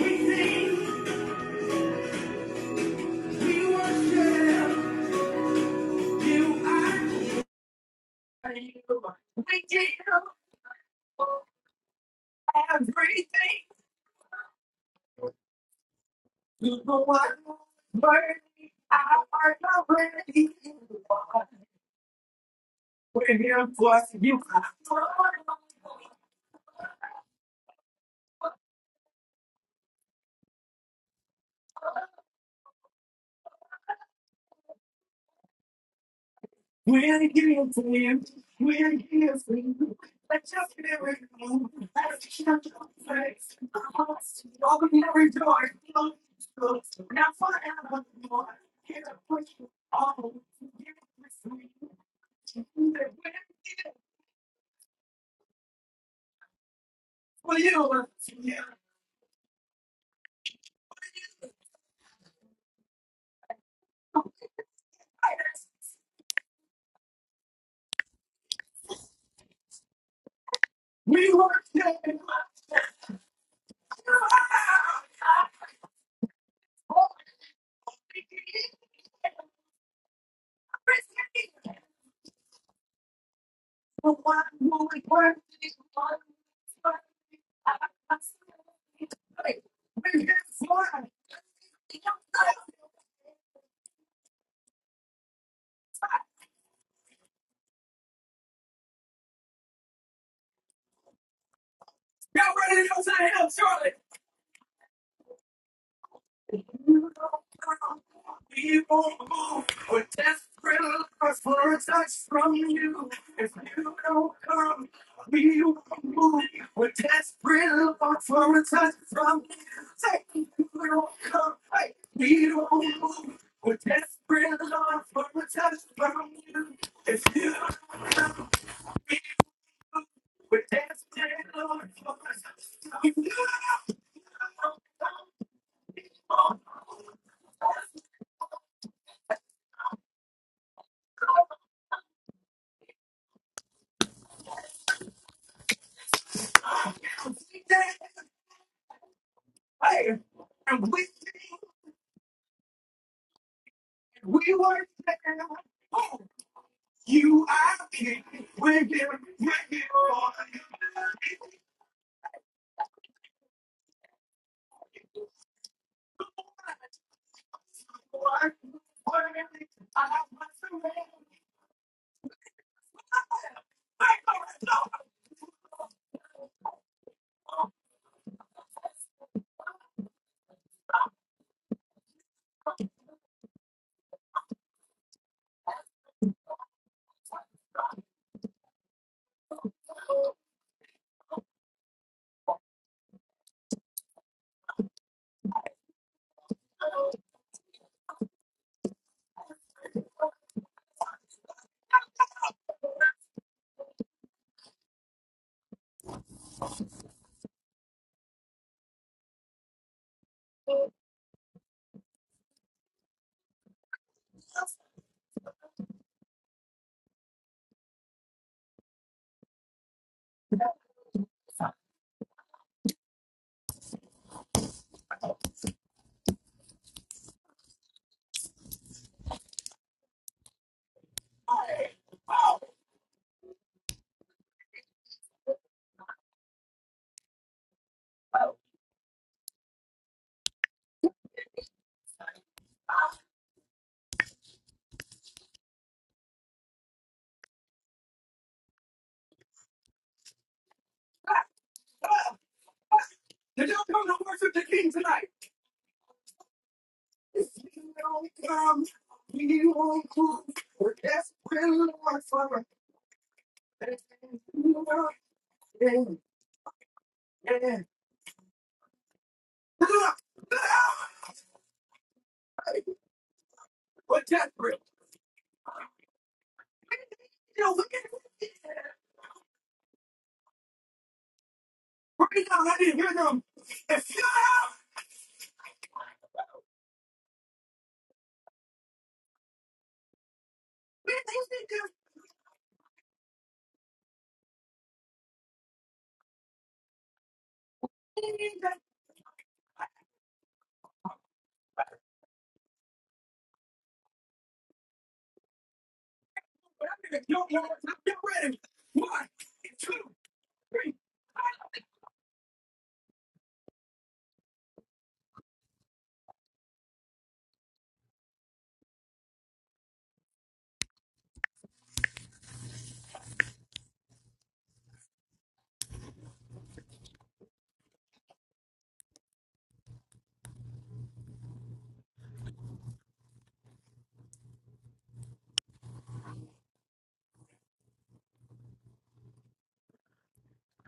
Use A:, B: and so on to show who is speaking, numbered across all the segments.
A: We're we are the Everything to the one, I'm here for you. We're here for you. We're here for you. Let's just get be real. Let's just face the cost. Open every door. Now forever more. Here to push you all. Here to push you. We're here for you. Yeah. We work together. Oh, The one who is worthy, the one who is worthy. Bring his word. Y'all ready to go to the hill, Charlie? We won't move. We're desperate for a touch from you. If you don't come, we won't move. We're desperate for a touch from you. Say if you don't come, hey, we don't move. We're desperate for a touch from you. If you don't come, we won't move. We're desperate for a touch from you. fire. And we sing, and we worship, oh, you are king. We give, we give all you worship. Worthy, I must surrender. I know it's of the way. Oh, God. Did y'all come to worship the king tonight? If you don't come, we won't come. We're desperate, Lord, for a blessing. Yeah. Look, look, We're desperate. We need you. We need you. Right now, I didn't hear them. If you have, man, you think just mean that but I'm your words, I'm your ready. One, two, three.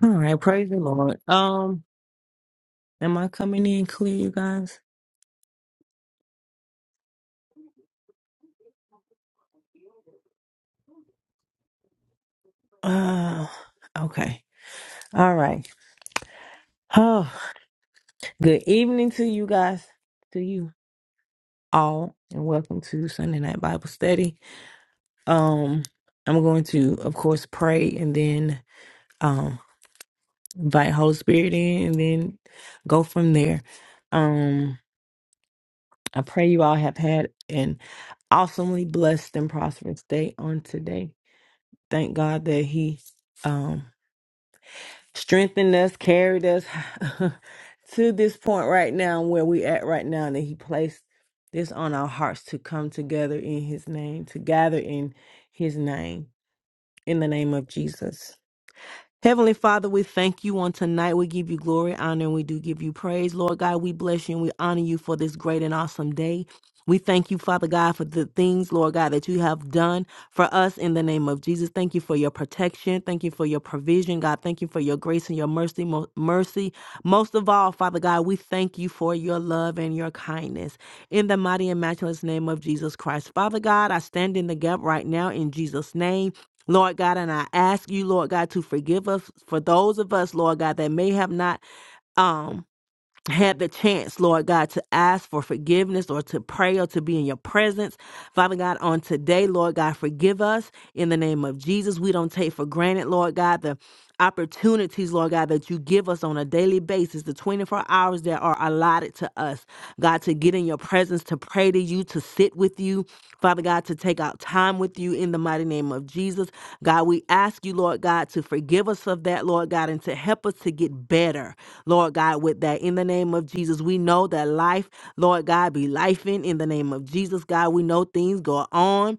A: All right, praise the Lord. Um, am I coming in clear, you guys? Uh, okay. All right. Oh, good evening to you guys, to you all, and welcome to Sunday Night Bible Study. Um, I'm going to, of course, pray and then um, invite Holy Spirit in and then go from there. Um, I pray you all have had an awesomely blessed and prosperous day on today. Thank God that He um strengthened us, carried us to this point right now where we at right now, and that He placed this on our hearts to come together in His name, to gather in His name, in the name of Jesus. Heavenly Father, we thank you on tonight. We give you glory, honor, and we do give you praise. Lord God, we bless you and we honor you for this great and awesome day. We thank you, Father God, for the things, Lord God, that you have done for us in the name of Jesus. Thank you for your protection. Thank you for your provision, God. Thank you for your grace and your mercy. Mo- mercy. Most of all, Father God, we thank you for your love and your kindness. In the mighty and matchless name of Jesus Christ. Father God, I stand in the gap right now in Jesus' name. Lord God, and I ask you, Lord God, to forgive us for those of us, Lord God, that may have not um had the chance, Lord God, to ask for forgiveness or to pray or to be in your presence. Father God, on today, Lord God, forgive us in the name of Jesus. We don't take for granted, Lord God, the opportunities, Lord God, that you give us on a daily basis, the 24 hours that are allotted to us, God, to get in your presence, to pray to you, to sit with you, Father God, to take out time with you in the mighty name of Jesus. God, we ask you, Lord God, to forgive us of that, Lord God, and to help us to get better. Lord God, with that in the name of Jesus. We know that life, Lord God, be life in in the name of Jesus. God, we know things go on.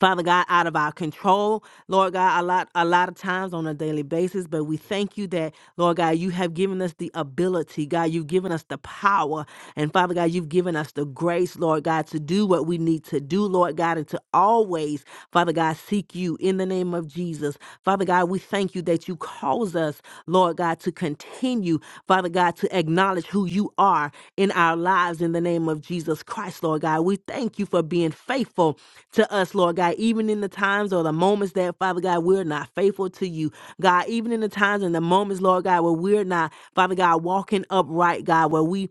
A: Father God, out of our control, Lord God, a lot, a lot of times on a daily basis, but we thank you that, Lord God, you have given us the ability, God, you've given us the power, and Father God, you've given us the grace, Lord God, to do what we need to do, Lord God, and to always, Father God, seek you in the name of Jesus. Father God, we thank you that you cause us, Lord God, to continue, Father God, to acknowledge who you are in our lives in the name of Jesus Christ, Lord God. We thank you for being faithful to us, Lord God, even in the times or the moments that, Father God, we're not faithful to you. God, even in the times and the moments, Lord God, where we're not, Father God, walking upright, God, where we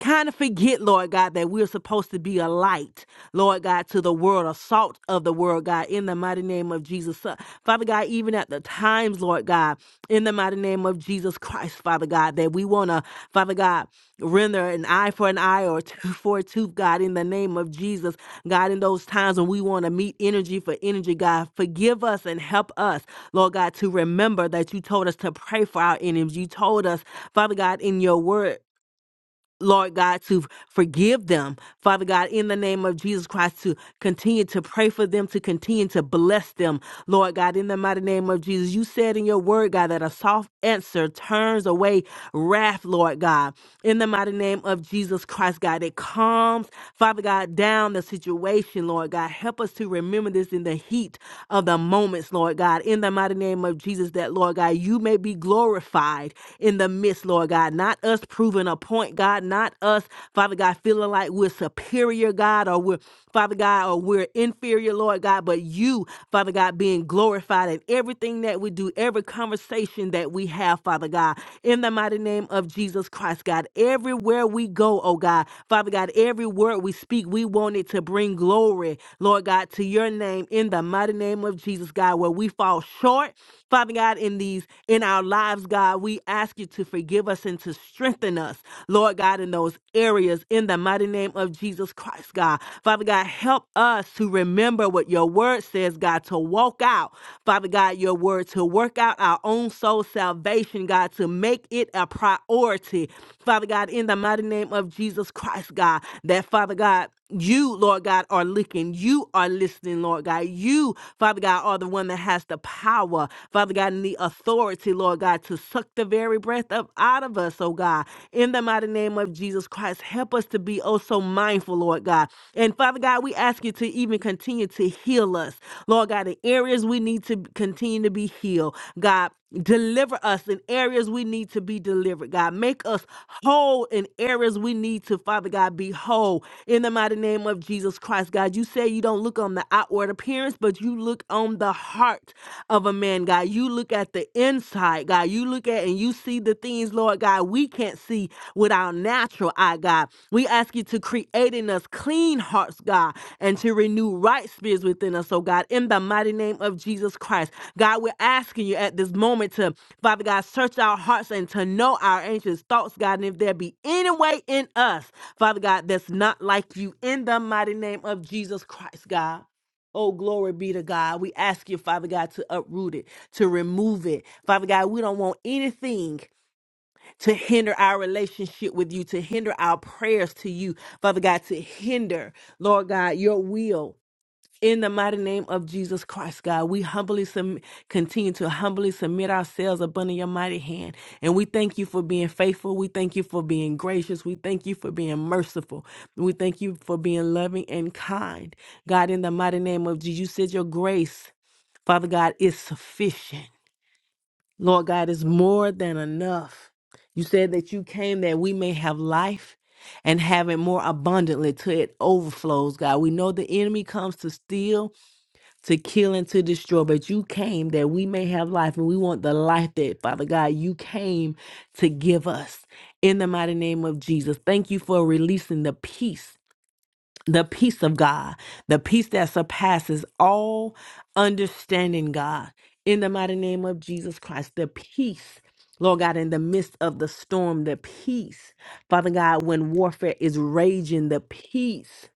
A: kind of forget, Lord God, that we're supposed to be a light, Lord God, to the world, a salt of the world, God, in the mighty name of Jesus. So, Father God, even at the times, Lord God, in the mighty name of Jesus Christ, Father God, that we want to, Father God, render an eye for an eye or tooth for a tooth, God, in the name of Jesus. God, in those times when we want to meet energy for energy, God, forgive us and help us, Lord God, to remember that you told us to pray for our enemies. You told us, Father God, in your word. Lord God, to forgive them. Father God, in the name of Jesus Christ, to continue to pray for them, to continue to bless them. Lord God, in the mighty name of Jesus, you said in your word, God, that a soft answer turns away wrath, Lord God. In the mighty name of Jesus Christ, God, it calms, Father God, down the situation, Lord God. Help us to remember this in the heat of the moments, Lord God. In the mighty name of Jesus, that, Lord God, you may be glorified in the midst, Lord God. God, not us proving a point, God, not us, Father God, feeling like we're superior, God, or we're, Father God, or we're inferior, Lord God, but you, Father God, being glorified in everything that we do, every conversation that we have, Father God, in the mighty name of Jesus Christ, God, everywhere we go, oh God, Father God, every word we speak, we want it to bring glory, Lord God, to your name in the mighty name of Jesus, God, where we fall short, Father God, in these, in our lives, God. God, we ask you to forgive us and to strengthen us, Lord God, in those areas in the mighty name of Jesus Christ, God. Father God, help us to remember what your word says, God, to walk out, Father God, your word, to work out our own soul salvation, God, to make it a priority, Father God, in the mighty name of Jesus Christ, God, that Father God. You, Lord God, are looking. You are listening, Lord God. You, Father God, are the one that has the power, Father God, and the authority, Lord God, to suck the very breath up out of us, oh God. In the mighty name of Jesus Christ, help us to be oh so mindful, Lord God. And Father God, we ask you to even continue to to heal us. Lord God, in areas we need to continue to be healed. God, deliver us in areas we need to be delivered. God, make us whole in areas we need to, Father God, be whole in the mighty name of Jesus Christ. God, you say you don't look on the outward appearance, but you look on the heart of a man, God. You look at the inside, God. You look at and you see the things, Lord God, we can't see with our natural eye, God. We ask you to create in us clean hearts, God and to renew right spirits within us, oh God, in the mighty name of Jesus Christ. God, we're asking you at this moment to, Father God, search our hearts and to know our anxious thoughts, God, and if there be any way in us, Father God, that's not like you, in the mighty name of Jesus Christ, God. Oh, glory be to God. We ask you, Father God, to uproot it, to remove it. Father God, we don't want anything to hinder our relationship with you, to hinder our prayers to you, Father God, to hinder, Lord God, your will. In the mighty name of Jesus Christ, God, we humbly sum- continue to humbly submit ourselves up under your mighty hand. And we thank you for being faithful. We thank you for being gracious. We thank you for being merciful. We thank you for being loving and kind. God, in the mighty name of Jesus, you said your grace, Father God, is sufficient. Lord God, is more than enough. You said that you came that we may have life and have it more abundantly till it overflows, God. We know the enemy comes to steal, to kill, and to destroy, but you came that we may have life, and we want the life that, Father God, you came to give us. In the mighty name of Jesus, thank you for releasing the peace the peace of God, the peace that surpasses all understanding, God, in the mighty name of Jesus Christ, the peace. Lord God, in the midst of the storm, the peace. Father God, when warfare is raging, the peace.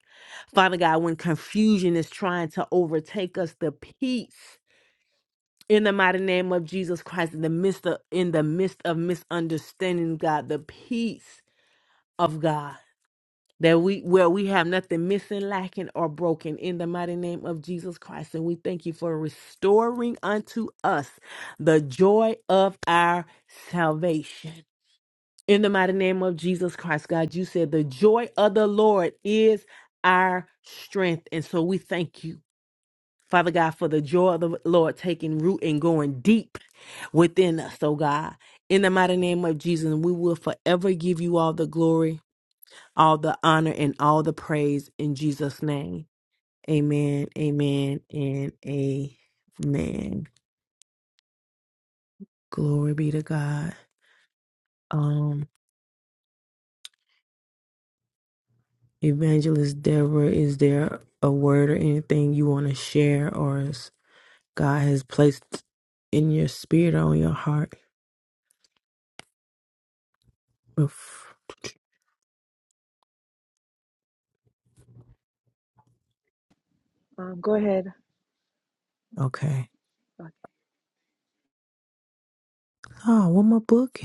A: Father God, when confusion is trying to overtake us, the peace. In the mighty name of Jesus Christ, in the midst of in the midst of misunderstanding, God, the peace of God that we where we have nothing missing, lacking, or broken in the mighty name of Jesus Christ. And we thank you for restoring unto us the joy of our salvation. In the mighty name of Jesus Christ, God, you said the joy of the Lord is our strength. And so we thank you. Father God, for the joy of the Lord taking root and going deep within us, oh God. In the mighty name of Jesus, we will forever give you all the glory, all the honor and all the praise in Jesus' name. Amen, amen, and amen. Glory be to God. Um, Evangelist Deborah, is there a word or anything you want to share or is God has placed in your spirit or on your heart? Oof.
B: Um, go ahead.
A: Okay.
B: Uh,
A: Oh, where my book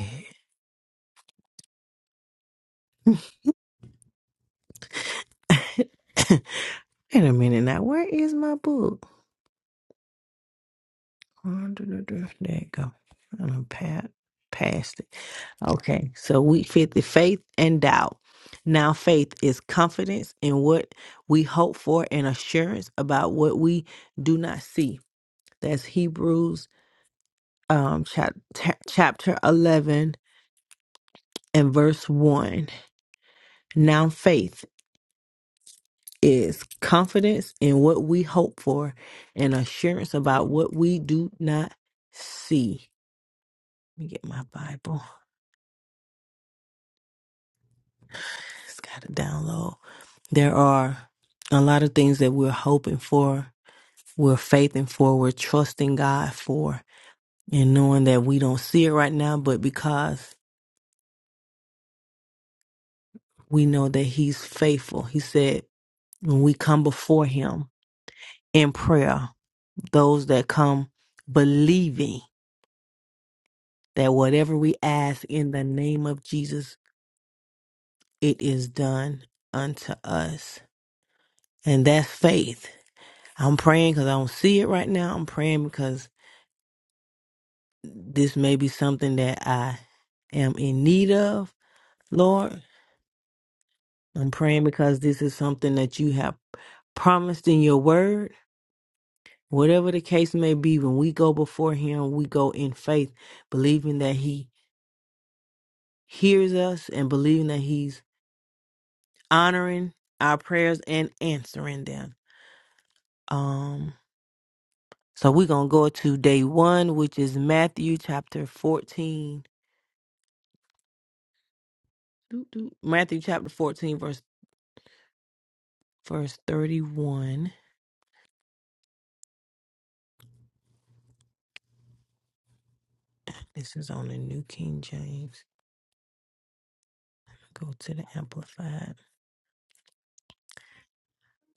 A: at? Wait a minute now. Where is my book? Uh, duh, duh, duh. There you go. I'm past, past it. Okay, so we fit the faith and doubt. Now, faith is confidence in what we hope for and assurance about what we do not see. That's Hebrews um, chap- ta- chapter 11 and verse 1. Now, faith is confidence in what we hope for and assurance about what we do not see. Let me get my Bible. It's got to download. There are a lot of things that we're hoping for we're faithing for, we're trusting God for, and knowing that we don't see it right now, but because we know that He's faithful. He said, when we come before Him in prayer, those that come believing that whatever we ask in the name of Jesus, it is done unto us. And that's faith. I'm praying because I don't see it right now. I'm praying because this may be something that I am in need of, Lord. I'm praying because this is something that you have promised in your word. Whatever the case may be, when we go before Him, we go in faith, believing that He hears us and believing that He's honoring our prayers and answering them. Um, so we're gonna go to day one, which is Matthew chapter 14. Doo, doo. Matthew chapter 14, verse verse 31. This is on the New King James. Go to the Amplified.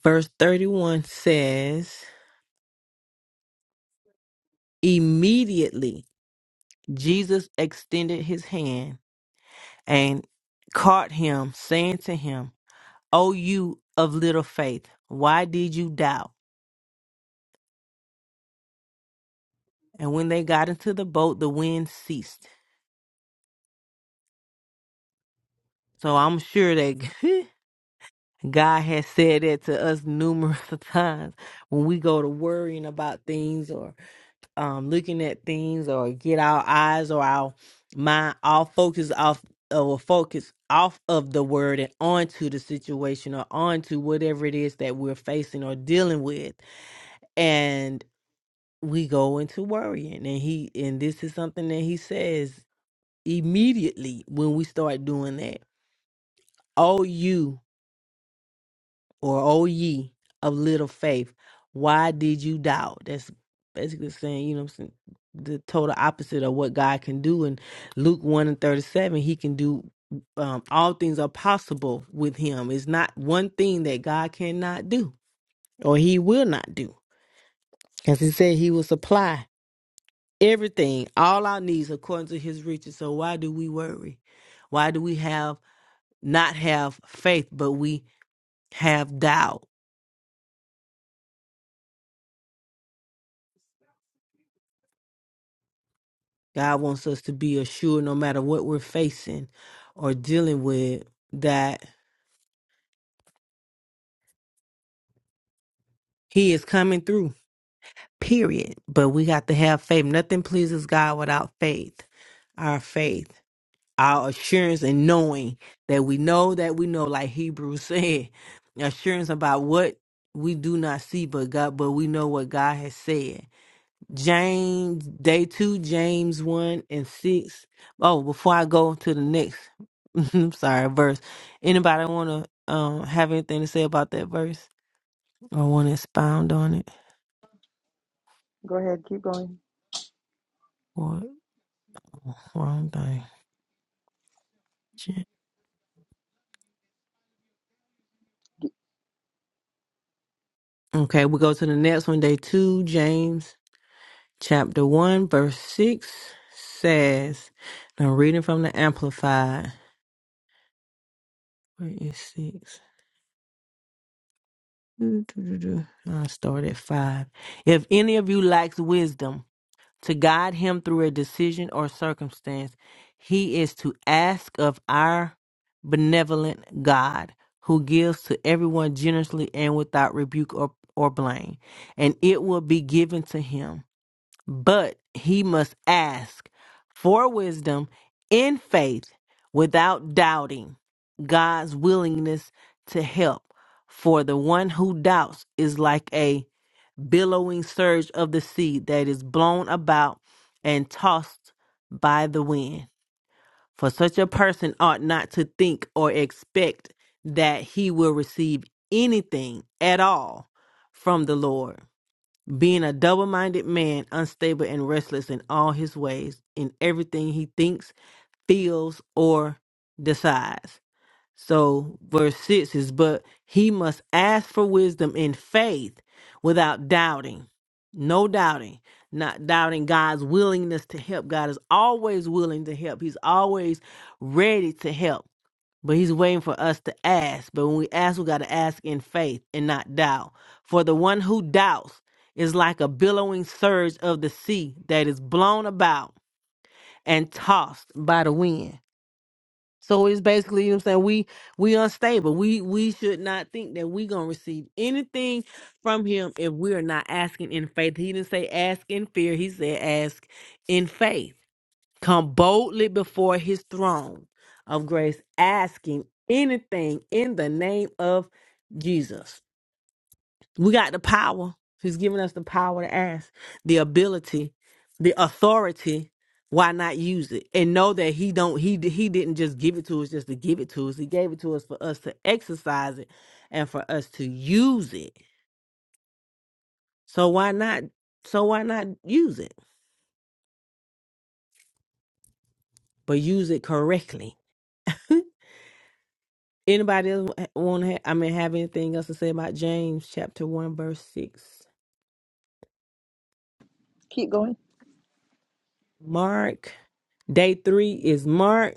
A: Verse 31 says, Immediately Jesus extended his hand and caught him, saying to him, O you of little faith, why did you doubt? And when they got into the boat, the wind ceased. So I'm sure that God has said that to us numerous times when we go to worrying about things um looking at things or get our eyes or our mind all focus off or focus off of the word and onto the situation or onto whatever it is that we're facing or dealing with and we go into worrying and he and this is something that he says immediately when we start doing that oh you or O ye of little faith, why did you doubt? That's basically saying, you know what I'm saying, the total opposite of what God can do. In Luke 1 and 37, he can do um, all things are possible with him. It's not one thing that God cannot do or he will not do. Because he said he will supply everything, all our needs according to his riches. So why do we worry? Why do we have not have faith, but we have doubt? God wants us to be assured no matter what we're facing or dealing with that He is coming through, period. But we got to have faith. Nothing pleases God without faith. Our faith, our assurance, and knowing that we know that we know, like Hebrews said, assurance about what we do not see, but God, but we know what God has said James, day two, James 1 and 6. Oh, before I go to the next, I'm sorry, verse. Anybody want to um, have anything to say about that verse? Or want to expound on it?
B: Go ahead. Keep going.
A: What? wrong thing. Shit. Okay, we go to the next one. Day two, James chapter 1, verse 6 says, and I'm reading from the Amplified. Where is 6? I'll start at 5. If any of you lacks wisdom, to guide him through a decision or circumstance, he is to ask of our benevolent God, who gives to everyone generously and without rebuke or, or blame, and it will be given to him. But he must ask for wisdom in faith without doubting God's willingness to help. For the one who doubts is like a billowing surge of the sea that is blown about and tossed by the wind. For such a person ought not to think or expect that he will receive anything at all from the Lord, being a double minded man, unstable and restless in all his ways, in everything he thinks, feels, or decides. So, verse 6 is, But he must ask for wisdom in faith without doubting. No doubting, not doubting God's willingness to help. God is always willing to help, He's always ready to help. But he's waiting for us to ask. But when we ask, we got to ask in faith and not doubt. For the one who doubts is like a billowing surge of the sea that is blown about and tossed by the wind. So it's basically, you know what I'm saying, we we unstable. We we should not think that we gonna receive anything from him if we're not asking in faith. He didn't say ask in fear, he said ask in faith. Come boldly before his throne of grace, asking anything in the name of Jesus. We got the power. He's given us the power to ask, the ability, the authority. Why not use it and know that he don't he he didn't just give it to us just to give it to us. He gave it to us for us to exercise it and for us to use it. So why not? So why not use it? But use it correctly. Anybody else want to? I mean, have anything else to say about James chapter one verse six?
B: Keep going.
A: Mark. Day three is Mark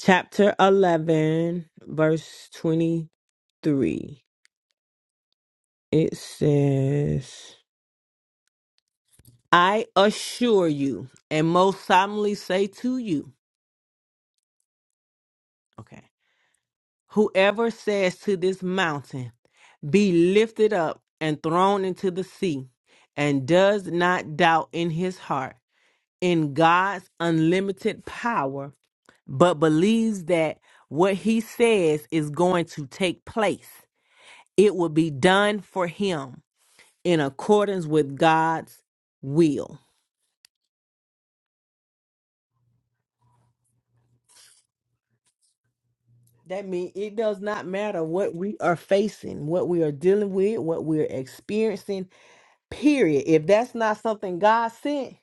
A: chapter 11, verse 23. It says, I assure you, and most solemnly say to you, okay, whoever says to this mountain, be lifted up and thrown into the sea, and does not doubt in his heart in God's unlimited power, but believes that what he says is going to take place, it will be done for him. in accordance with God's will. That means it does not matter what we are facing, what we are dealing with, what we're experiencing, period. If that's not something God sent,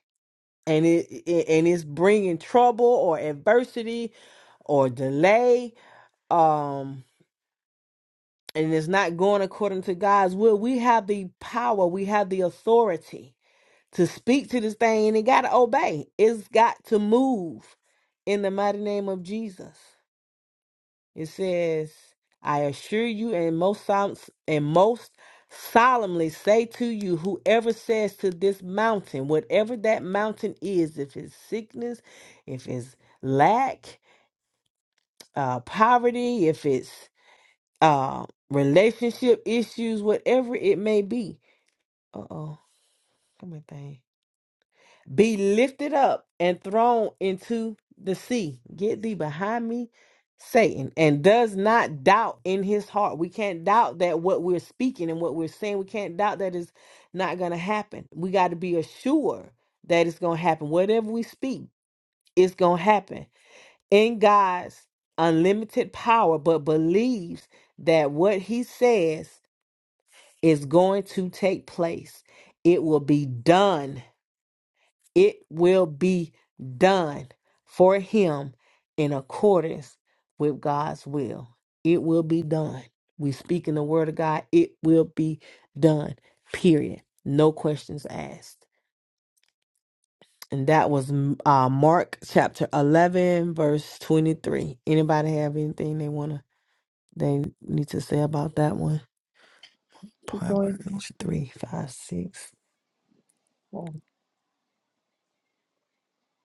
A: and it it- and it's bringing trouble or adversity or delay, um, and it's not going according to God's will, we have the power, we have the authority to speak to this thing, and it got to obey. It's got to move in the mighty name of Jesus. It says, I assure you and most sol- and most solemnly say to you, whoever says to this mountain, whatever that mountain is, if it's sickness, if it's lack, uh, poverty, if it's uh, relationship issues, whatever it may be. Uh oh, come here, thing. be lifted up and thrown into the sea. Get thee behind me, Satan, and does not doubt in his heart. We can't doubt that what we're speaking and what we're saying, we can't doubt that it's not going to happen. We got to be assured that it's going to happen. Whatever we speak, it's going to happen in God's unlimited power, but believes that what he says is going to take place. It will be done it will be done for him in accordance with God's will. It will be done. We speak in the word of God, it will be done. Period. No questions asked. And that was uh, Mark chapter 11 verse 23. Anybody have anything they want to they need to say about that one?
B: Keep going.
A: Proverbs 3 5 6.
B: Oh,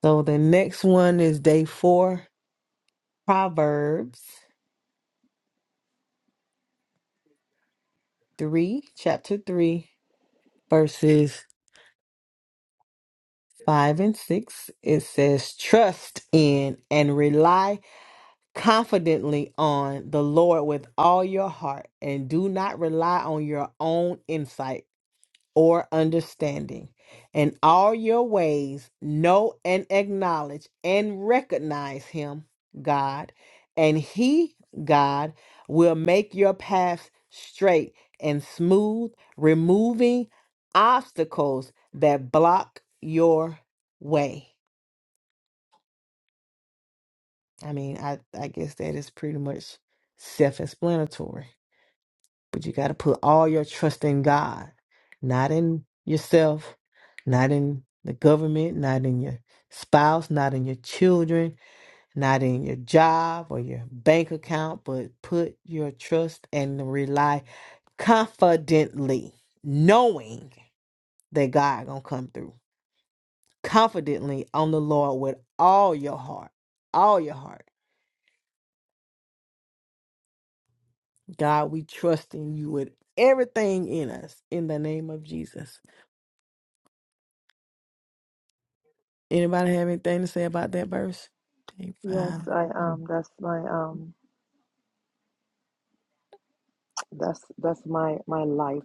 A: So the next one is day 4, Proverbs. 3, chapter 3, verses 5 and 6, it says, Trust in and rely confidently on the Lord with all your heart, and do not rely on your own insight. or understanding. In all your ways, know and acknowledge and recognize Him, God, and He, God, will make your paths straight and smooth, removing obstacles that block your way. I mean, I, I guess that is pretty much self explanatory. But you got to put all your trust in God, not in yourself, not in the government, not in your spouse, not in your children, not in your job or your bank account, but put your trust and rely confidently, knowing that God going to come through. Confidently on the Lord with all your heart, all your heart. God, we trust in you with everything in us in the name of Jesus. Anybody have anything to say about that verse? Day
B: Yes,
A: five.
B: I um that's my um that's that's my my life.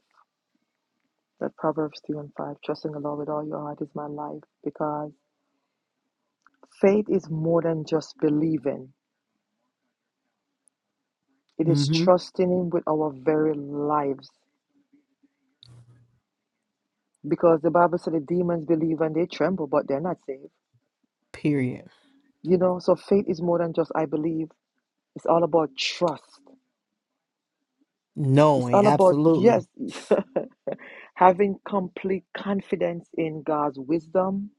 B: That Proverbs 3 and 5, trusting the Lord with all your heart is my life because faith is more than just believing. It is
A: Mm-hmm.
B: trusting him with our very lives because the Bible said the demons believe and they tremble, but they're not saved.
A: Period.
B: You know, so faith is more than just I believe. It's all about trust. It's
A: Knowing.
B: all about
A: Absolutely.
B: yes. Having complete confidence in God's wisdom,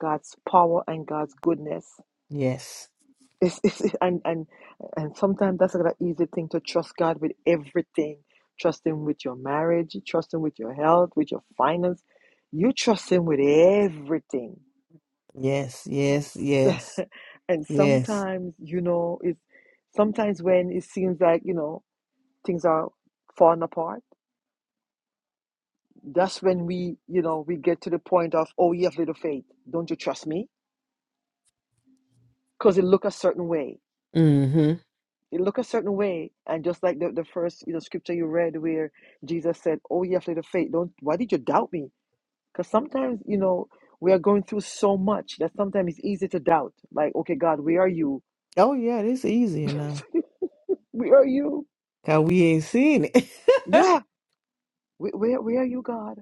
B: God's power, and God's goodness.
A: Yes.
B: It's, it's, and, and, and sometimes that's not an easy thing to trust God with everything. Trust Him with your marriage, trust Him with your health, with your finance. You trust Him with everything.
A: Yes.
B: And,
A: Yes.
B: s-
A: Yes.
B: and
A: Yes.
B: sometimes, you know, it's sometimes when it seems like, you know, things are falling apart, that's when we, you know, we get to the point of, oh, you have little faith. Don't you trust me? because it look a certain way.
A: Mm-hmm.
B: It look a certain way, and just like the, the first you know scripture you read where Jesus said, "Oh, you have little faith. Don't why did you doubt me?" Because sometimes you know we are going through so much that sometimes it's easy to doubt. Like, okay, God, where are you?
A: Oh yeah, this easier now.
B: where are you?
A: Cause we ain't seen it.
B: Yeah, where, where where are you, God?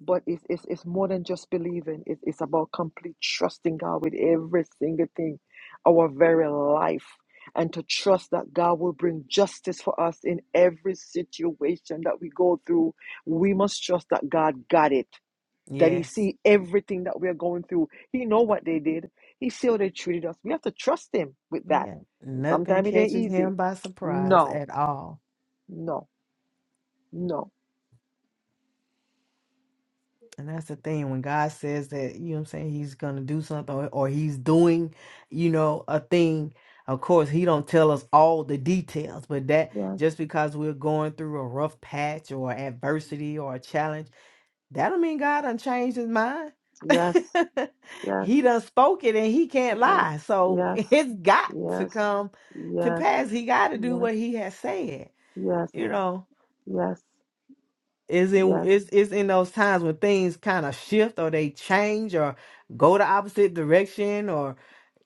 B: But it's, it's, it's more than just believing. It, it's about complete trusting God with every single thing, our very life, and to trust that God will bring justice for us in every situation that we go through. We must trust that God got it, that He
A: yes.
B: see everything that we are going through. He know what they did. He see how they treated us. We have to trust Him with that.
A: Yeah.
B: And
A: Nothing
B: sometimes it ain't
A: catches
B: easy.
A: him by surprise
B: No,
A: at all.
B: no, no.
A: And that's the thing when God says that, you know what I'm saying, he's going to do something or, or he's doing, you know, a thing. Of course, he don't tell us all the details, but that
B: Yes,
A: just because we're going through a rough patch or adversity or a challenge, that don't mean God done changed his mind.
B: yes, yes.
A: he done spoke it and he can't
B: Yes,
A: lie. So
B: yes,
A: it's got to
B: yes,
A: come to
B: yes,
A: pass. He got to do
B: yes,
A: what he has said,
B: yes,
A: you know.
B: yes,
A: It's in
B: yes,
A: it's it's in those times when things kind of shift or they change or go the opposite direction or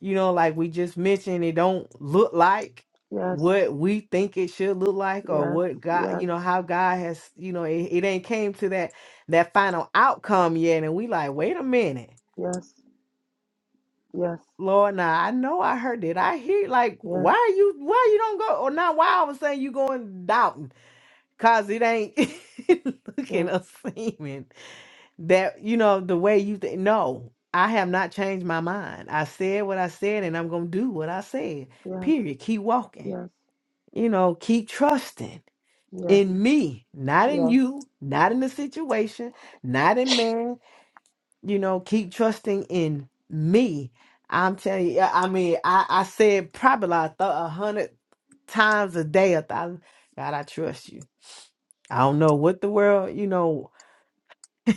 A: you know like we just mentioned it don't look like
B: yes,
A: what we think it should look like or
B: yes,
A: what God
B: yes,
A: you know how God has you know it, it ain't came to that that final outcome yet and we like wait a minute
B: yes, yes,
A: Lord now I know I heard it I hear like
B: yes,
A: why
B: yes,
A: you why you don't go or now why all of a sudden you going doubting Cause it ain't looking
B: yes,
A: or seeming that, you know, the way you think. No, I have not changed my mind. I said what I said and I'm going to do what I said.
B: yes, yes, yes,
A: Period. Keep walking. You know, keep trusting
B: yes,
A: in me, not
B: yes,
A: in you,
B: yes,
A: not in the situation, not in man. You know, keep trusting in me. I'm telling you, I I mean, I, I said probably like a thou- a hundred times a day, a thousand. God, I trust you. I don't know what the world, you know.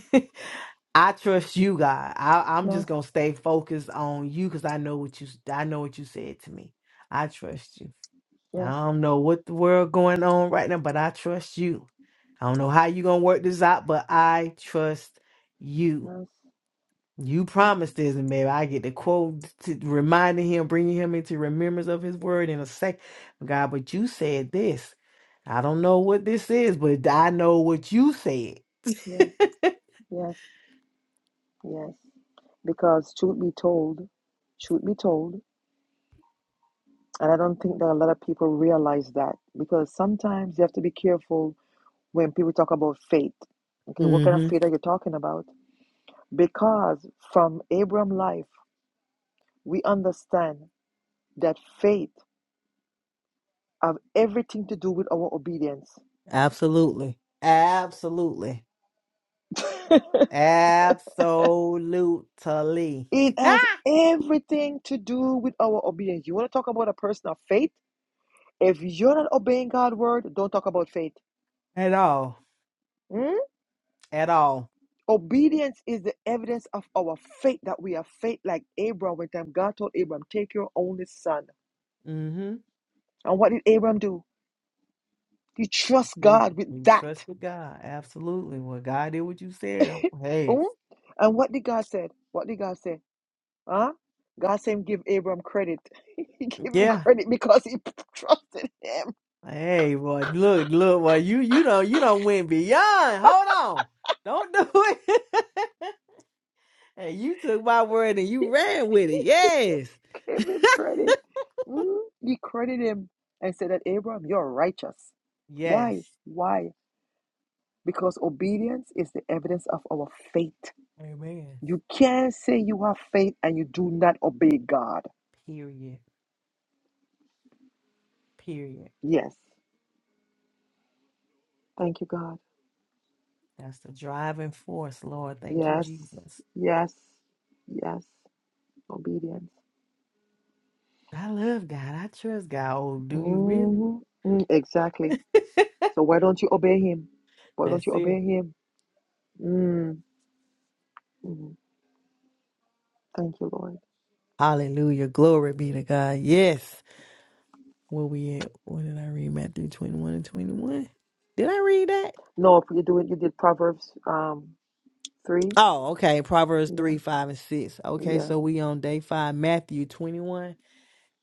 A: I trust you, God. I, I'm just gonna stay focused on you because I know what you. I know what you said to me. I trust you. I
B: yes,
A: don't know what the world going on right now, but I trust you. I don't know how you gonna work this out, but I trust you. You promised this, and maybe I get the quote to reminding him, bringing him into remembrance of his word in a second. God, but you said this. I don't know what this is, but I know what you said
B: yes, yes. Because truth be told, truth be told, and I don't think that a lot of people realize that because sometimes you have to be careful when people talk about faith. Okay, what kind of
A: hmm
B: faith are you talking about? Because from Abram life, we understand that faith have everything to do with our obedience.
A: Absolutely. Absolutely. Absolutely.
B: It has everything to do with our obedience. You want to talk about a person of faith? If you're not obeying God's word, don't talk about faith.
A: at all.
B: Hmm?
A: At all.
B: Obedience is the evidence of our faith that we have faith like Abram when time God told Abram, take your only son.
A: Mm-hmm.
B: And what did Abram do? He trusts God with
A: We
B: that.
A: trust in God. Absolutely. Well, God did what you said. Hey.
B: Oh, and what did God said? What did God say? Huh? God said, him "Give Abram credit. he gave him
A: Yeah.
B: credit because he trusted him.
A: Hey, boy. Look, look, boy. You you don't you don't went beyond. Hold on. Don't do it. And you took my word and you
B: He
A: ran with it. Yes.
B: gave him credit. Mm, He credited him and said that Abram, you're righteous.
A: Yes.
B: Why? Why? Because obedience is the evidence of our faith.
A: Amen.
B: You can't say you have faith and you do not obey God.
A: Period. Period.
B: Yes. Thank you, God.
A: That's the driving force, Lord. Thank you,
B: Yes.
A: Jesus.
B: Yes. Yes. Obedience.
A: I love God. I trust God. Oh, do you really?
B: Mhm. Mm, Exactly. So why don't you obey him? Why
A: That's
B: don't you
A: it.
B: obey him? Mm. Mm. Thank you, Lord.
A: Hallelujah. Glory be to God. Yes. Where we at? What did I read? Matthew 21 and 21. Did I read that?
B: No, you do it. You did Proverbs um three.
A: Oh, okay. Proverbs
B: Yeah.
A: 3, 5, and 6. Okay,
B: Yes.
A: so we on day 5, Matthew 21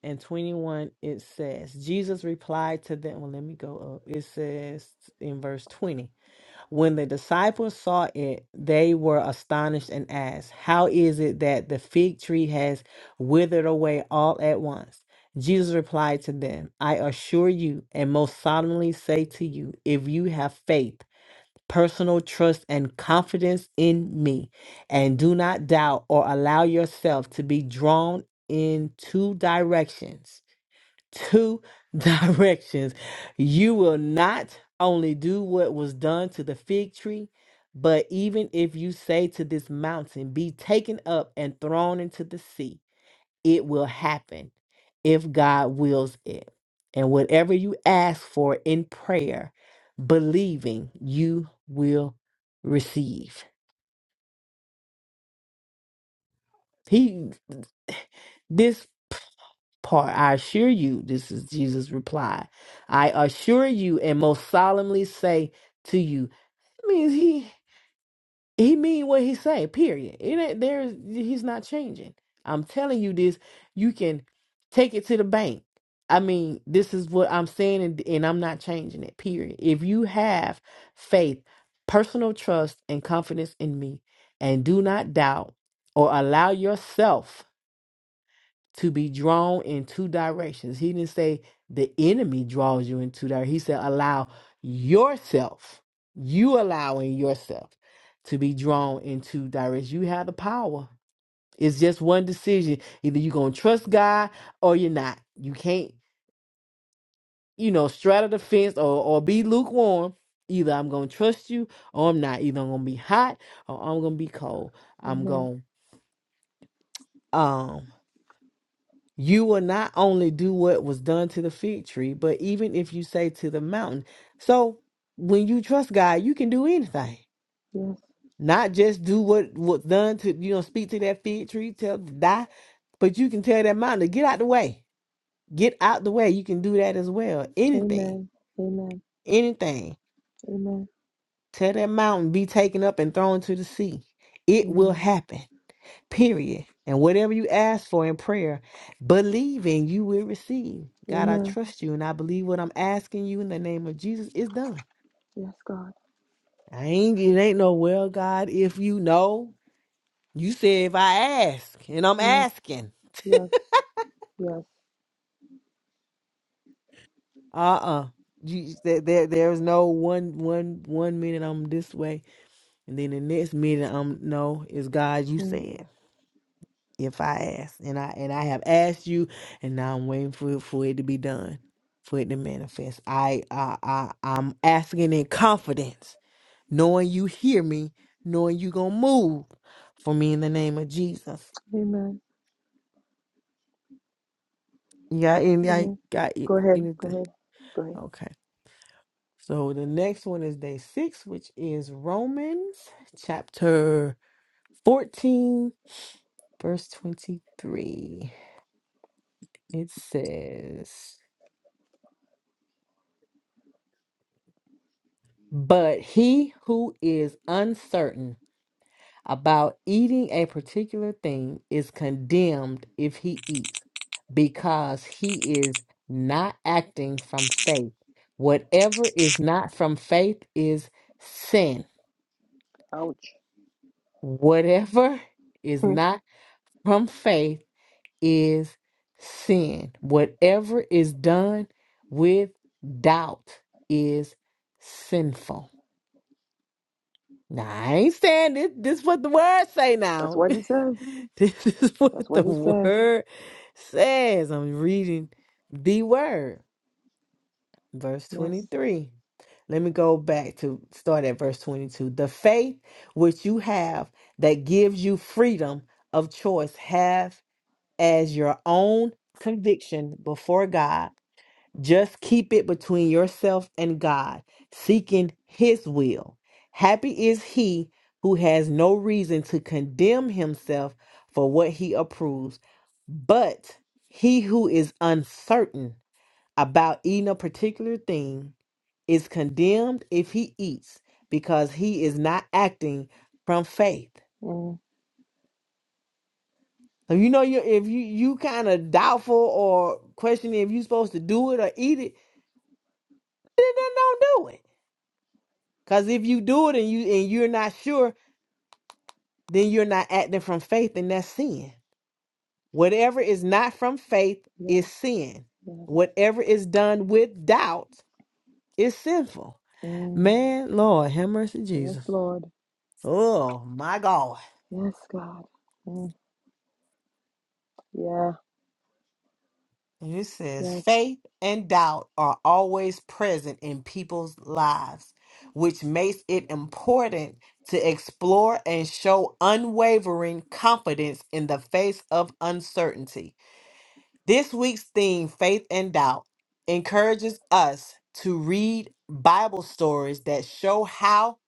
A: and 21. It says, Jesus replied to them. Well, let me go up. It says in verse 20. When the disciples saw it, they were astonished and asked, How is it that the fig tree has withered away all at once? Jesus replied to them, I assure you and most solemnly say to you, if you have faith, personal trust, and confidence in me, and do not doubt or allow yourself to be drawn in two directions two directions. You will not only do what was done to the fig tree, but even if you say to this mountain, be taken up and thrown into the sea, it will happen if God wills it. And whatever you ask for in prayer, believing you will receive. He this part. I assure you, this is Jesus' reply. I assure you and most solemnly say to you, it means he he mean what he say, period. It ain't there's he's not changing. I'm telling you this, you can take it to the bank. I mean, this is what I'm saying and, and I'm not changing it, period. If you have faith, personal trust and confidence in me and do not doubt or allow yourself to be drawn in two directions. He didn't say the enemy draws you in two directions. He said allow yourself, you allowing yourself to be drawn in two directions. You have the power. It's just one decision. Either you're gonna trust God or you're not. You can't, you know, straddle the fence or, or be lukewarm. Either I'm gonna trust you or I'm not. Either I'm gonna be hot or I'm gonna be cold. I'm
B: Amen.
A: gonna um you will not only do what was done to the fig tree, but even if you say to the mountain. So when you trust God, you can do anything.
B: Yes.
A: Not just do what was done to you know, speak to that fig tree, tell it to die, but you can tell that mountain to get out the way. Get out the way. You can do that as well. Anything.
B: Amen. Amen.
A: Anything.
B: Amen.
A: Tell that mountain be taken up and thrown to the sea. It will
B: Amen.
A: happen period. And whatever you ask for in prayer, believing you will receive. God, I
B: Amen.
A: trust you and I believe what I'm asking you in the name of Jesus is done.
B: Yes, God.
A: I ain't it ain't no well, God, if you know. You said if I ask, and I'm
B: Yes.
A: asking.
B: Yes. Yes.
A: Uh-uh. You, there, there- there's no one one one minute I'm this way, and then the next minute I'm no, it's God you
B: Mm.
A: said. if I ask, and I and I have asked you, and now I'm waiting for it, for it to be done, for it to manifest. I I, I I'm asking in confidence, knowing you hear me, knowing you gonna move for me in the name of Jesus.
B: Amen.
A: Yeah, and I
B: Amen.
A: got it.
B: Go ahead. Go
A: Anything?
B: ahead. Go ahead.
A: Okay. So the next one is day six, which is Romans chapter fourteen, verse twenty-three. It says. But he who is uncertain about eating a particular thing is condemned if he eats, because he is not acting from faith. Whatever is not from faith is sin.
B: Ouch.
A: Whatever is not from faith is sin. Whatever is done with doubt is sinful. Now, I ain't saying this. This is what the word say
B: That's
A: now.
B: what he says.
A: this is
B: That's
A: what the
B: what he says.
A: word says. I'm reading the word, verse
B: Yes.
A: 23. Let me go back to start at verse 22. The faith which you have that gives you freedom of choice, have as your own conviction before God just keep it between yourself and God, seeking His will. Happy is he who has no reason to condemn himself for what he approves, but he who is uncertain about eating a particular thing is condemned if he eats because he is not acting from faith.
B: Mm.
A: So you know you if you you kind of doubtful or questioning if you're supposed to do it or eat it, then don't do it Cause if you do it and you and you're not sure, then you're not acting from faith, and that's sin. Whatever is not from faith
B: Yes,
A: is sin.
B: yes.
A: Whatever is done with doubt is sinful.
B: Mm,
A: Man, Lord, have mercy,
B: yes,
A: Jesus.
B: Lord.
A: Oh my God.
B: Yes, God. Mm, yeah,
A: And It says
B: yes.
A: faith and doubt are always present in people's lives, which makes it important to explore and show unwavering confidence in the face of uncertainty. This week's theme, Faith and Doubt, encourages us to read Bible stories that show how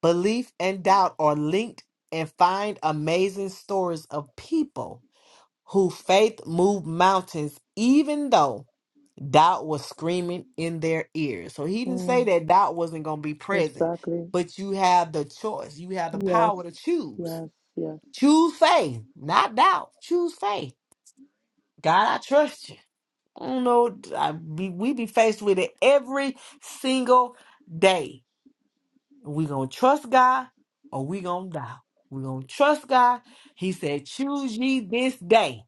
A: belief and doubt are linked and find amazing stories of people who faith moved mountains even though doubt was screaming in their ears. So he didn't say
B: Mm,
A: that doubt wasn't going to be present,
B: exactly.
A: but you have the choice. You have the
B: Yes,
A: power to choose.
B: yes, yes,
A: Choose faith, not doubt. Choose faith. God, I trust you. I don't know. I be, we be faced with it every single day. We gonna trust God or we gonna die. We gonna trust God. He said, "Choose ye this day."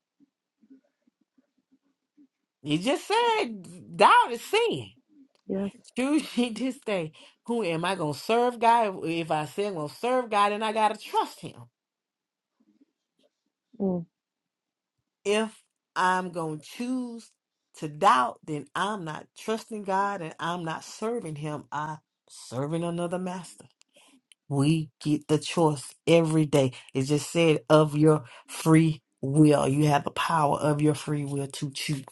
A: He just said, "Doubt is sin."
B: yes.
A: Choose ye this day. Who am I gonna serve God? If I say I'm gonna serve God, then I gotta trust Him.
B: Mm,
A: If I'm gonna choose to doubt, then I'm not trusting God and I'm not serving Him. I'm serving another master. We get the choice every day. It just said of your free will. You have the power of your free will to choose.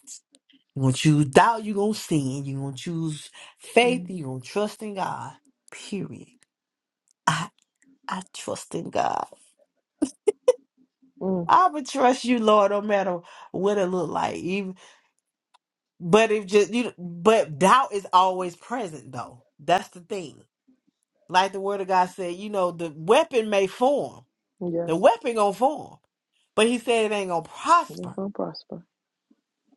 A: You're going to choose doubt, you're going to sin, you're going to choose faith,
B: mm,
A: you're going to trust in God. Period. I, I trust in God.
B: mm,
A: I would trust you, Lord, no matter what it look like. Even, but if just you, but doubt is always present, though. That's the thing. Like the Word of God said, you know, the weapon may form, the
B: yes.
A: weapon gonna form. But he said it ain't gonna
B: You're
A: prosper.
B: going to prosper.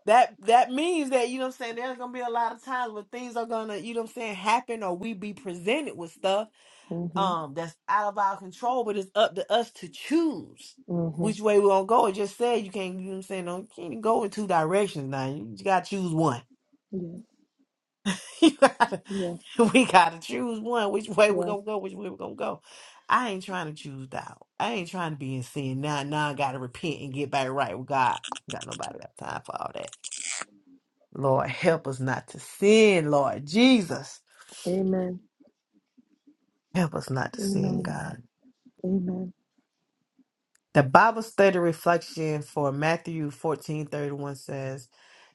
A: That that means that, you know what I'm saying, there's gonna be a lot of times when things are gonna, you know what I'm saying, happen or we be presented with stuff
B: Mm-hmm,
A: um that's out of our control, but it's up to us to choose
B: mm-hmm.
A: which way we're gonna go. It just said you can't, you know what I'm saying, don't you can't go in two directions now. You just gotta choose one.
B: Yes,
A: you gotta,
B: yes,
A: we gotta choose one, which way we're
B: yes.
A: gonna go, which way we're gonna go. I ain't trying to choose doubt. I ain't trying to be in sin. Now now I gotta repent and get back right with God. I ain't Got nobody got time for all that. Lord, help us not to sin, Lord Jesus.
B: Amen,
A: Help us not to sin,
B: amen,
A: God.
B: amen.
A: The Bible study reflection for Matthew fourteen thirty one says,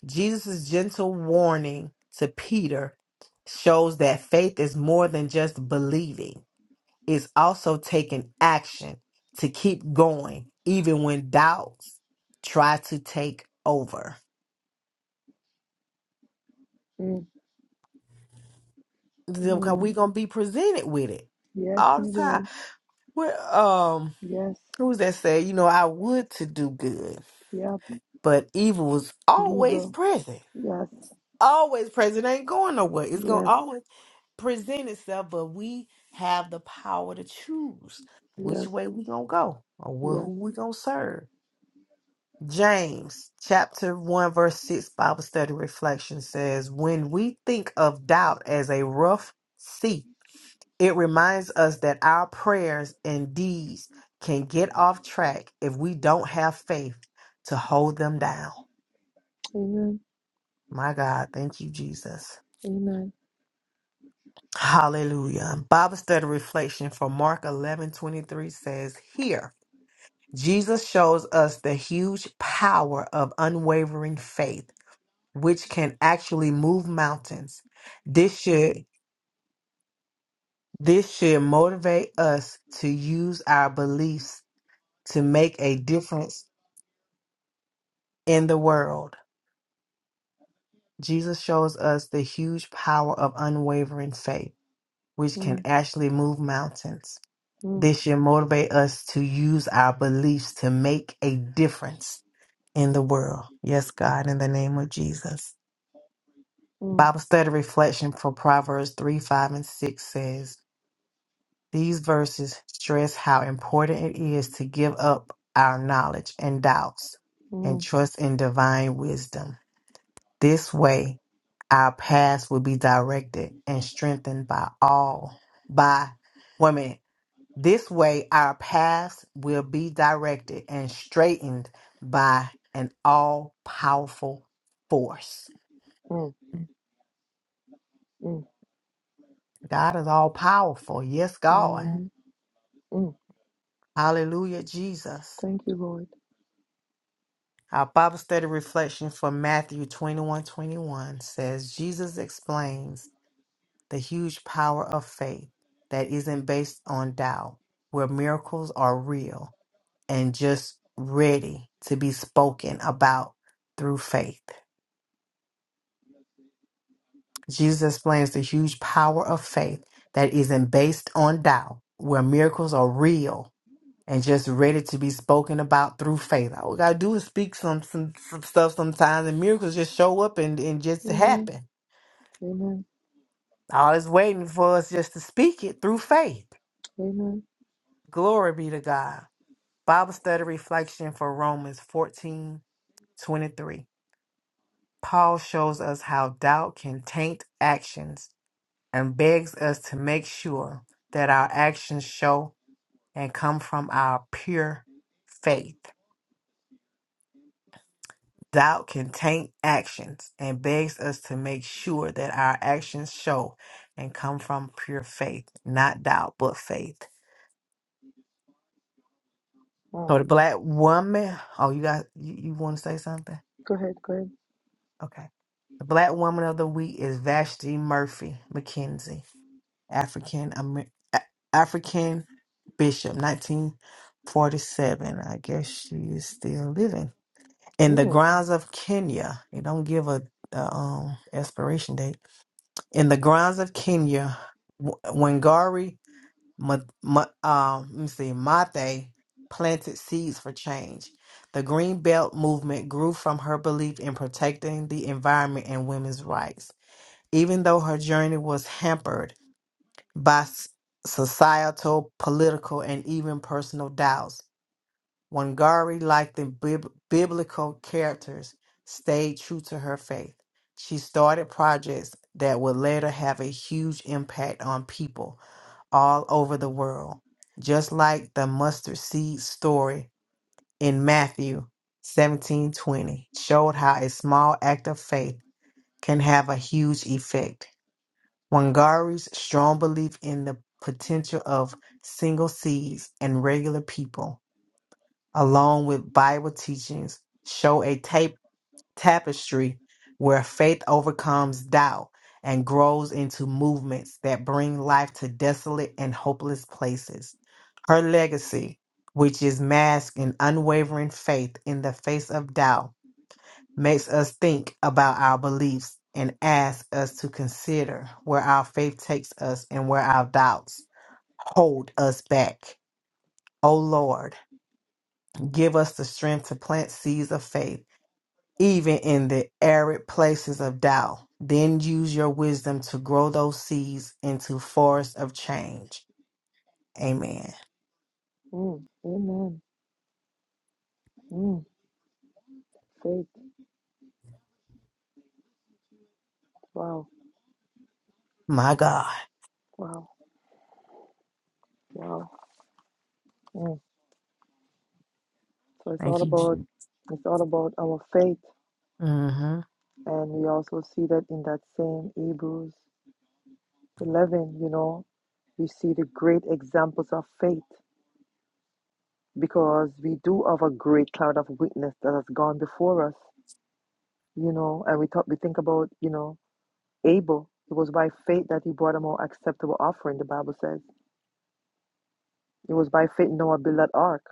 A: Jesus' gentle warning to Peter shows that faith is more than just believing, it's also taking action to keep going, even when doubts try to take over.
B: Mm,
A: We're
B: mm.
A: going to be presented with it
B: Yes,
A: all the
B: we
A: time.
B: will.
A: We're, um,
B: Yes,
A: Who was that say, you know, I would to do good,
B: yep,
A: but evil was always
B: evil.
A: present.
B: Yes,
A: Always present. Ain't going nowhere. It's gonna
B: yes,
A: always present itself, but we have the power to choose which
B: yes,
A: way we gonna go or wh- who
B: yes.
A: we gonna serve. James chapter 1 verse 6 Bible study reflection says when we think of doubt as a rough sea It reminds us that our prayers and deeds can get off track if we don't have faith to hold them down.
B: Amen.
A: My God, thank you, Jesus.
B: Amen.
A: Hallelujah. Bible study reflection from Mark 11 23 says, Here, Jesus shows us the huge power of unwavering faith, which can actually move mountains. This should this should motivate us to use our beliefs to make a difference in the world, Jesus shows us the huge power of unwavering faith, which can
B: Mm,
A: actually move mountains.
B: mm,
A: This should motivate us to use our beliefs to make a difference in the world. Yes, God, in the name of Jesus.
B: mm,
A: Bible study reflection for Proverbs 3, 5, and 6 says, These verses stress how important it is to give up our knowledge and doubts and
B: mm,
A: trust in divine wisdom. This way, our paths will be directed and strengthened by all, by women. This way, our paths will be directed and straightened by an all powerful force.
B: mm, mm,
A: God is all powerful. Yes, God. Mm.
B: mhm, mm.
A: Hallelujah, Jesus.
B: Thank you, Lord.
A: Our Bible study reflection for Matthew 21 21 says, Jesus explains. the huge power of faith that isn't based on doubt, where miracles are real and just ready to be spoken about through faith. Jesus explains the huge power of faith that isn't based on doubt, where miracles are real and just ready to be spoken about through faith. All we gotta do is speak some some, some stuff sometimes, and miracles just show up and, and just
B: Amen.
A: happen.
B: Amen.
A: All it's waiting for us just to speak it through faith.
B: Amen.
A: Glory be to God. Bible study reflection for Romans 14 23. Paul shows us how doubt can taint actions and begs us to make sure that our actions show and come from our pure faith. Doubt can taint actions and begs us to make sure that our actions show and come from pure faith, not doubt, but faith. So
B: Wow.
A: the black woman, oh, you got, you, you want to say something?
B: Go ahead. Go ahead.
A: Okay. The Black Woman of the Week is Vashti Murphy McKenzie, African Amer- A- African Bishop, 1947. I guess she is still living. In the
B: Mm,
A: grounds of Kenya, They don't give a, a um, expiration date. In the grounds of Kenya, W- Wangari Ma, ma, um, let me see, Mate planted seeds for change. The Green Belt movement grew from her belief in protecting the environment and women's rights. Even though her journey was hampered by s- societal, political, and even personal doubts, Wangari, like the bib- biblical characters, stayed true to her faith. She started projects that would later have a huge impact on people all over the world, just like the mustard seed story in Matthew 17:20 showed how a small act of faith can have a huge effect. Wangari's strong belief in the potential of single seeds and regular people along with Bible teachings, show a tape tapestry where faith overcomes doubt and grows into movements that bring life to desolate and hopeless places. Her legacy, which is masked in unwavering faith in the face of doubt, makes us think about our beliefs and asks us to consider where our faith takes us and where our doubts hold us back. O Lord, Give us the strength to plant seeds of faith, even in the arid places of doubt. Then use your wisdom to grow those seeds into forests of change. Amen.
B: mm, amen. Mm, faith. Wow.
A: My God.
B: Wow. Wow. Mm. So it's
A: Thank
B: all
A: you,
B: about
A: Jesus.
B: it's all about our faith,
A: Mm
B: and we also see that in that same Hebrews 11. You know, we see the great examples of faith because we do have a great cloud of witness that has gone before us you know, and we talk, we think about, you know, Abel. It was by faith that he brought a more acceptable offering. The Bible says it was by faith Noah built that ark.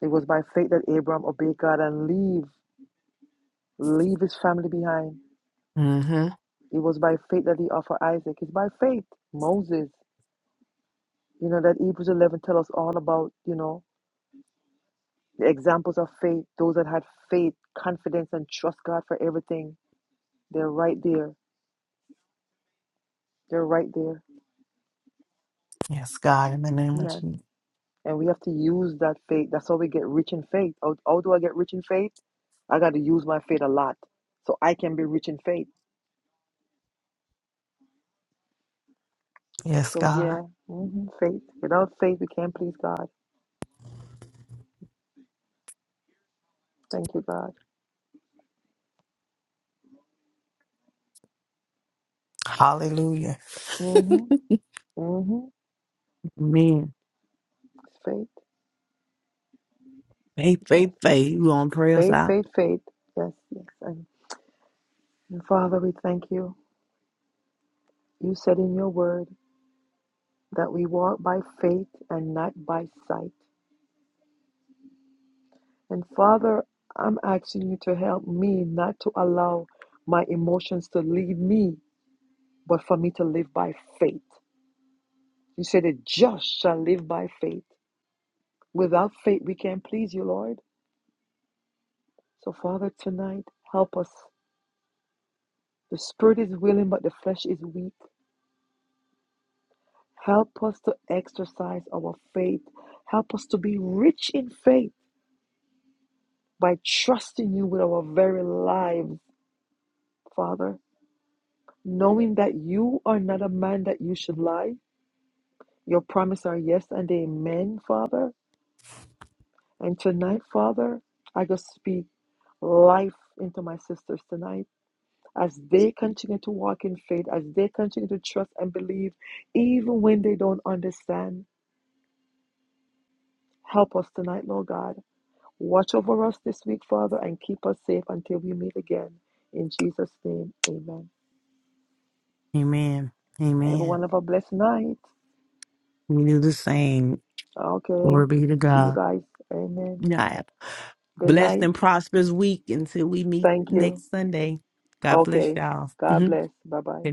B: It was by faith that Abraham obeyed God and leave leave his family behind.
A: hmm. Mm hmm.
B: It was by faith that he offered Isaac. It's by faith Moses. You know that Hebrews eleven tell us all about you know the examples of faith. Those that had faith, confidence, and trust God for everything. They're right there. They're right there.
A: Yes, God, in the name of
B: Yes.
A: Jesus.
B: And we have to use that faith. That's how we get rich in faith. How, how do I get rich in faith? I got to use my faith a lot so I can be rich in faith.
A: Yes,
B: So,
A: God.
B: yeah, hmm faith. Without faith, we can't please God. Thank you, God.
A: Hallelujah.
B: Mm-hmm. Mm-hmm.
A: Amen.
B: Faith.
A: Faith,
B: Yes.
A: faith, faith. You going to pray us
B: Faith,
A: out?
B: faith, faith. Yes, yes. And, and Father, we thank you. You said in your word that we walk by faith and not by sight. And Father, I'm asking you to help me not to allow my emotions to lead me, but for me to live by faith. You said the just shall live by faith. Without faith, we can't please you, Lord. So, Father, tonight, help us. The spirit is willing, but the flesh is weak. Help us to exercise our faith. Help us to be rich in faith by trusting you with our very lives, Father, knowing that you are not a man that you should lie Your promise are yes and amen, Father. And tonight, Father, I just speak life into my sisters tonight as they continue to walk in faith, as they continue to trust and believe, even when they don't understand. Help us tonight, Lord God. Watch over us this week, Father, and keep us safe until we meet again. In Jesus' name, amen.
A: Amen. Amen.
B: Everyone have a blessed night.
A: We do the same.
B: Okay.
A: Glory be to
B: See you
A: God.
B: guys. Amen.
A: Yeah,
B: Good
A: Blessed
B: night.
A: and prosperous week until we meet
B: Thank you.
A: next Sunday. God bless
B: Okay.
A: y'all.
B: God
A: Mhm.
B: bless. Bye bye.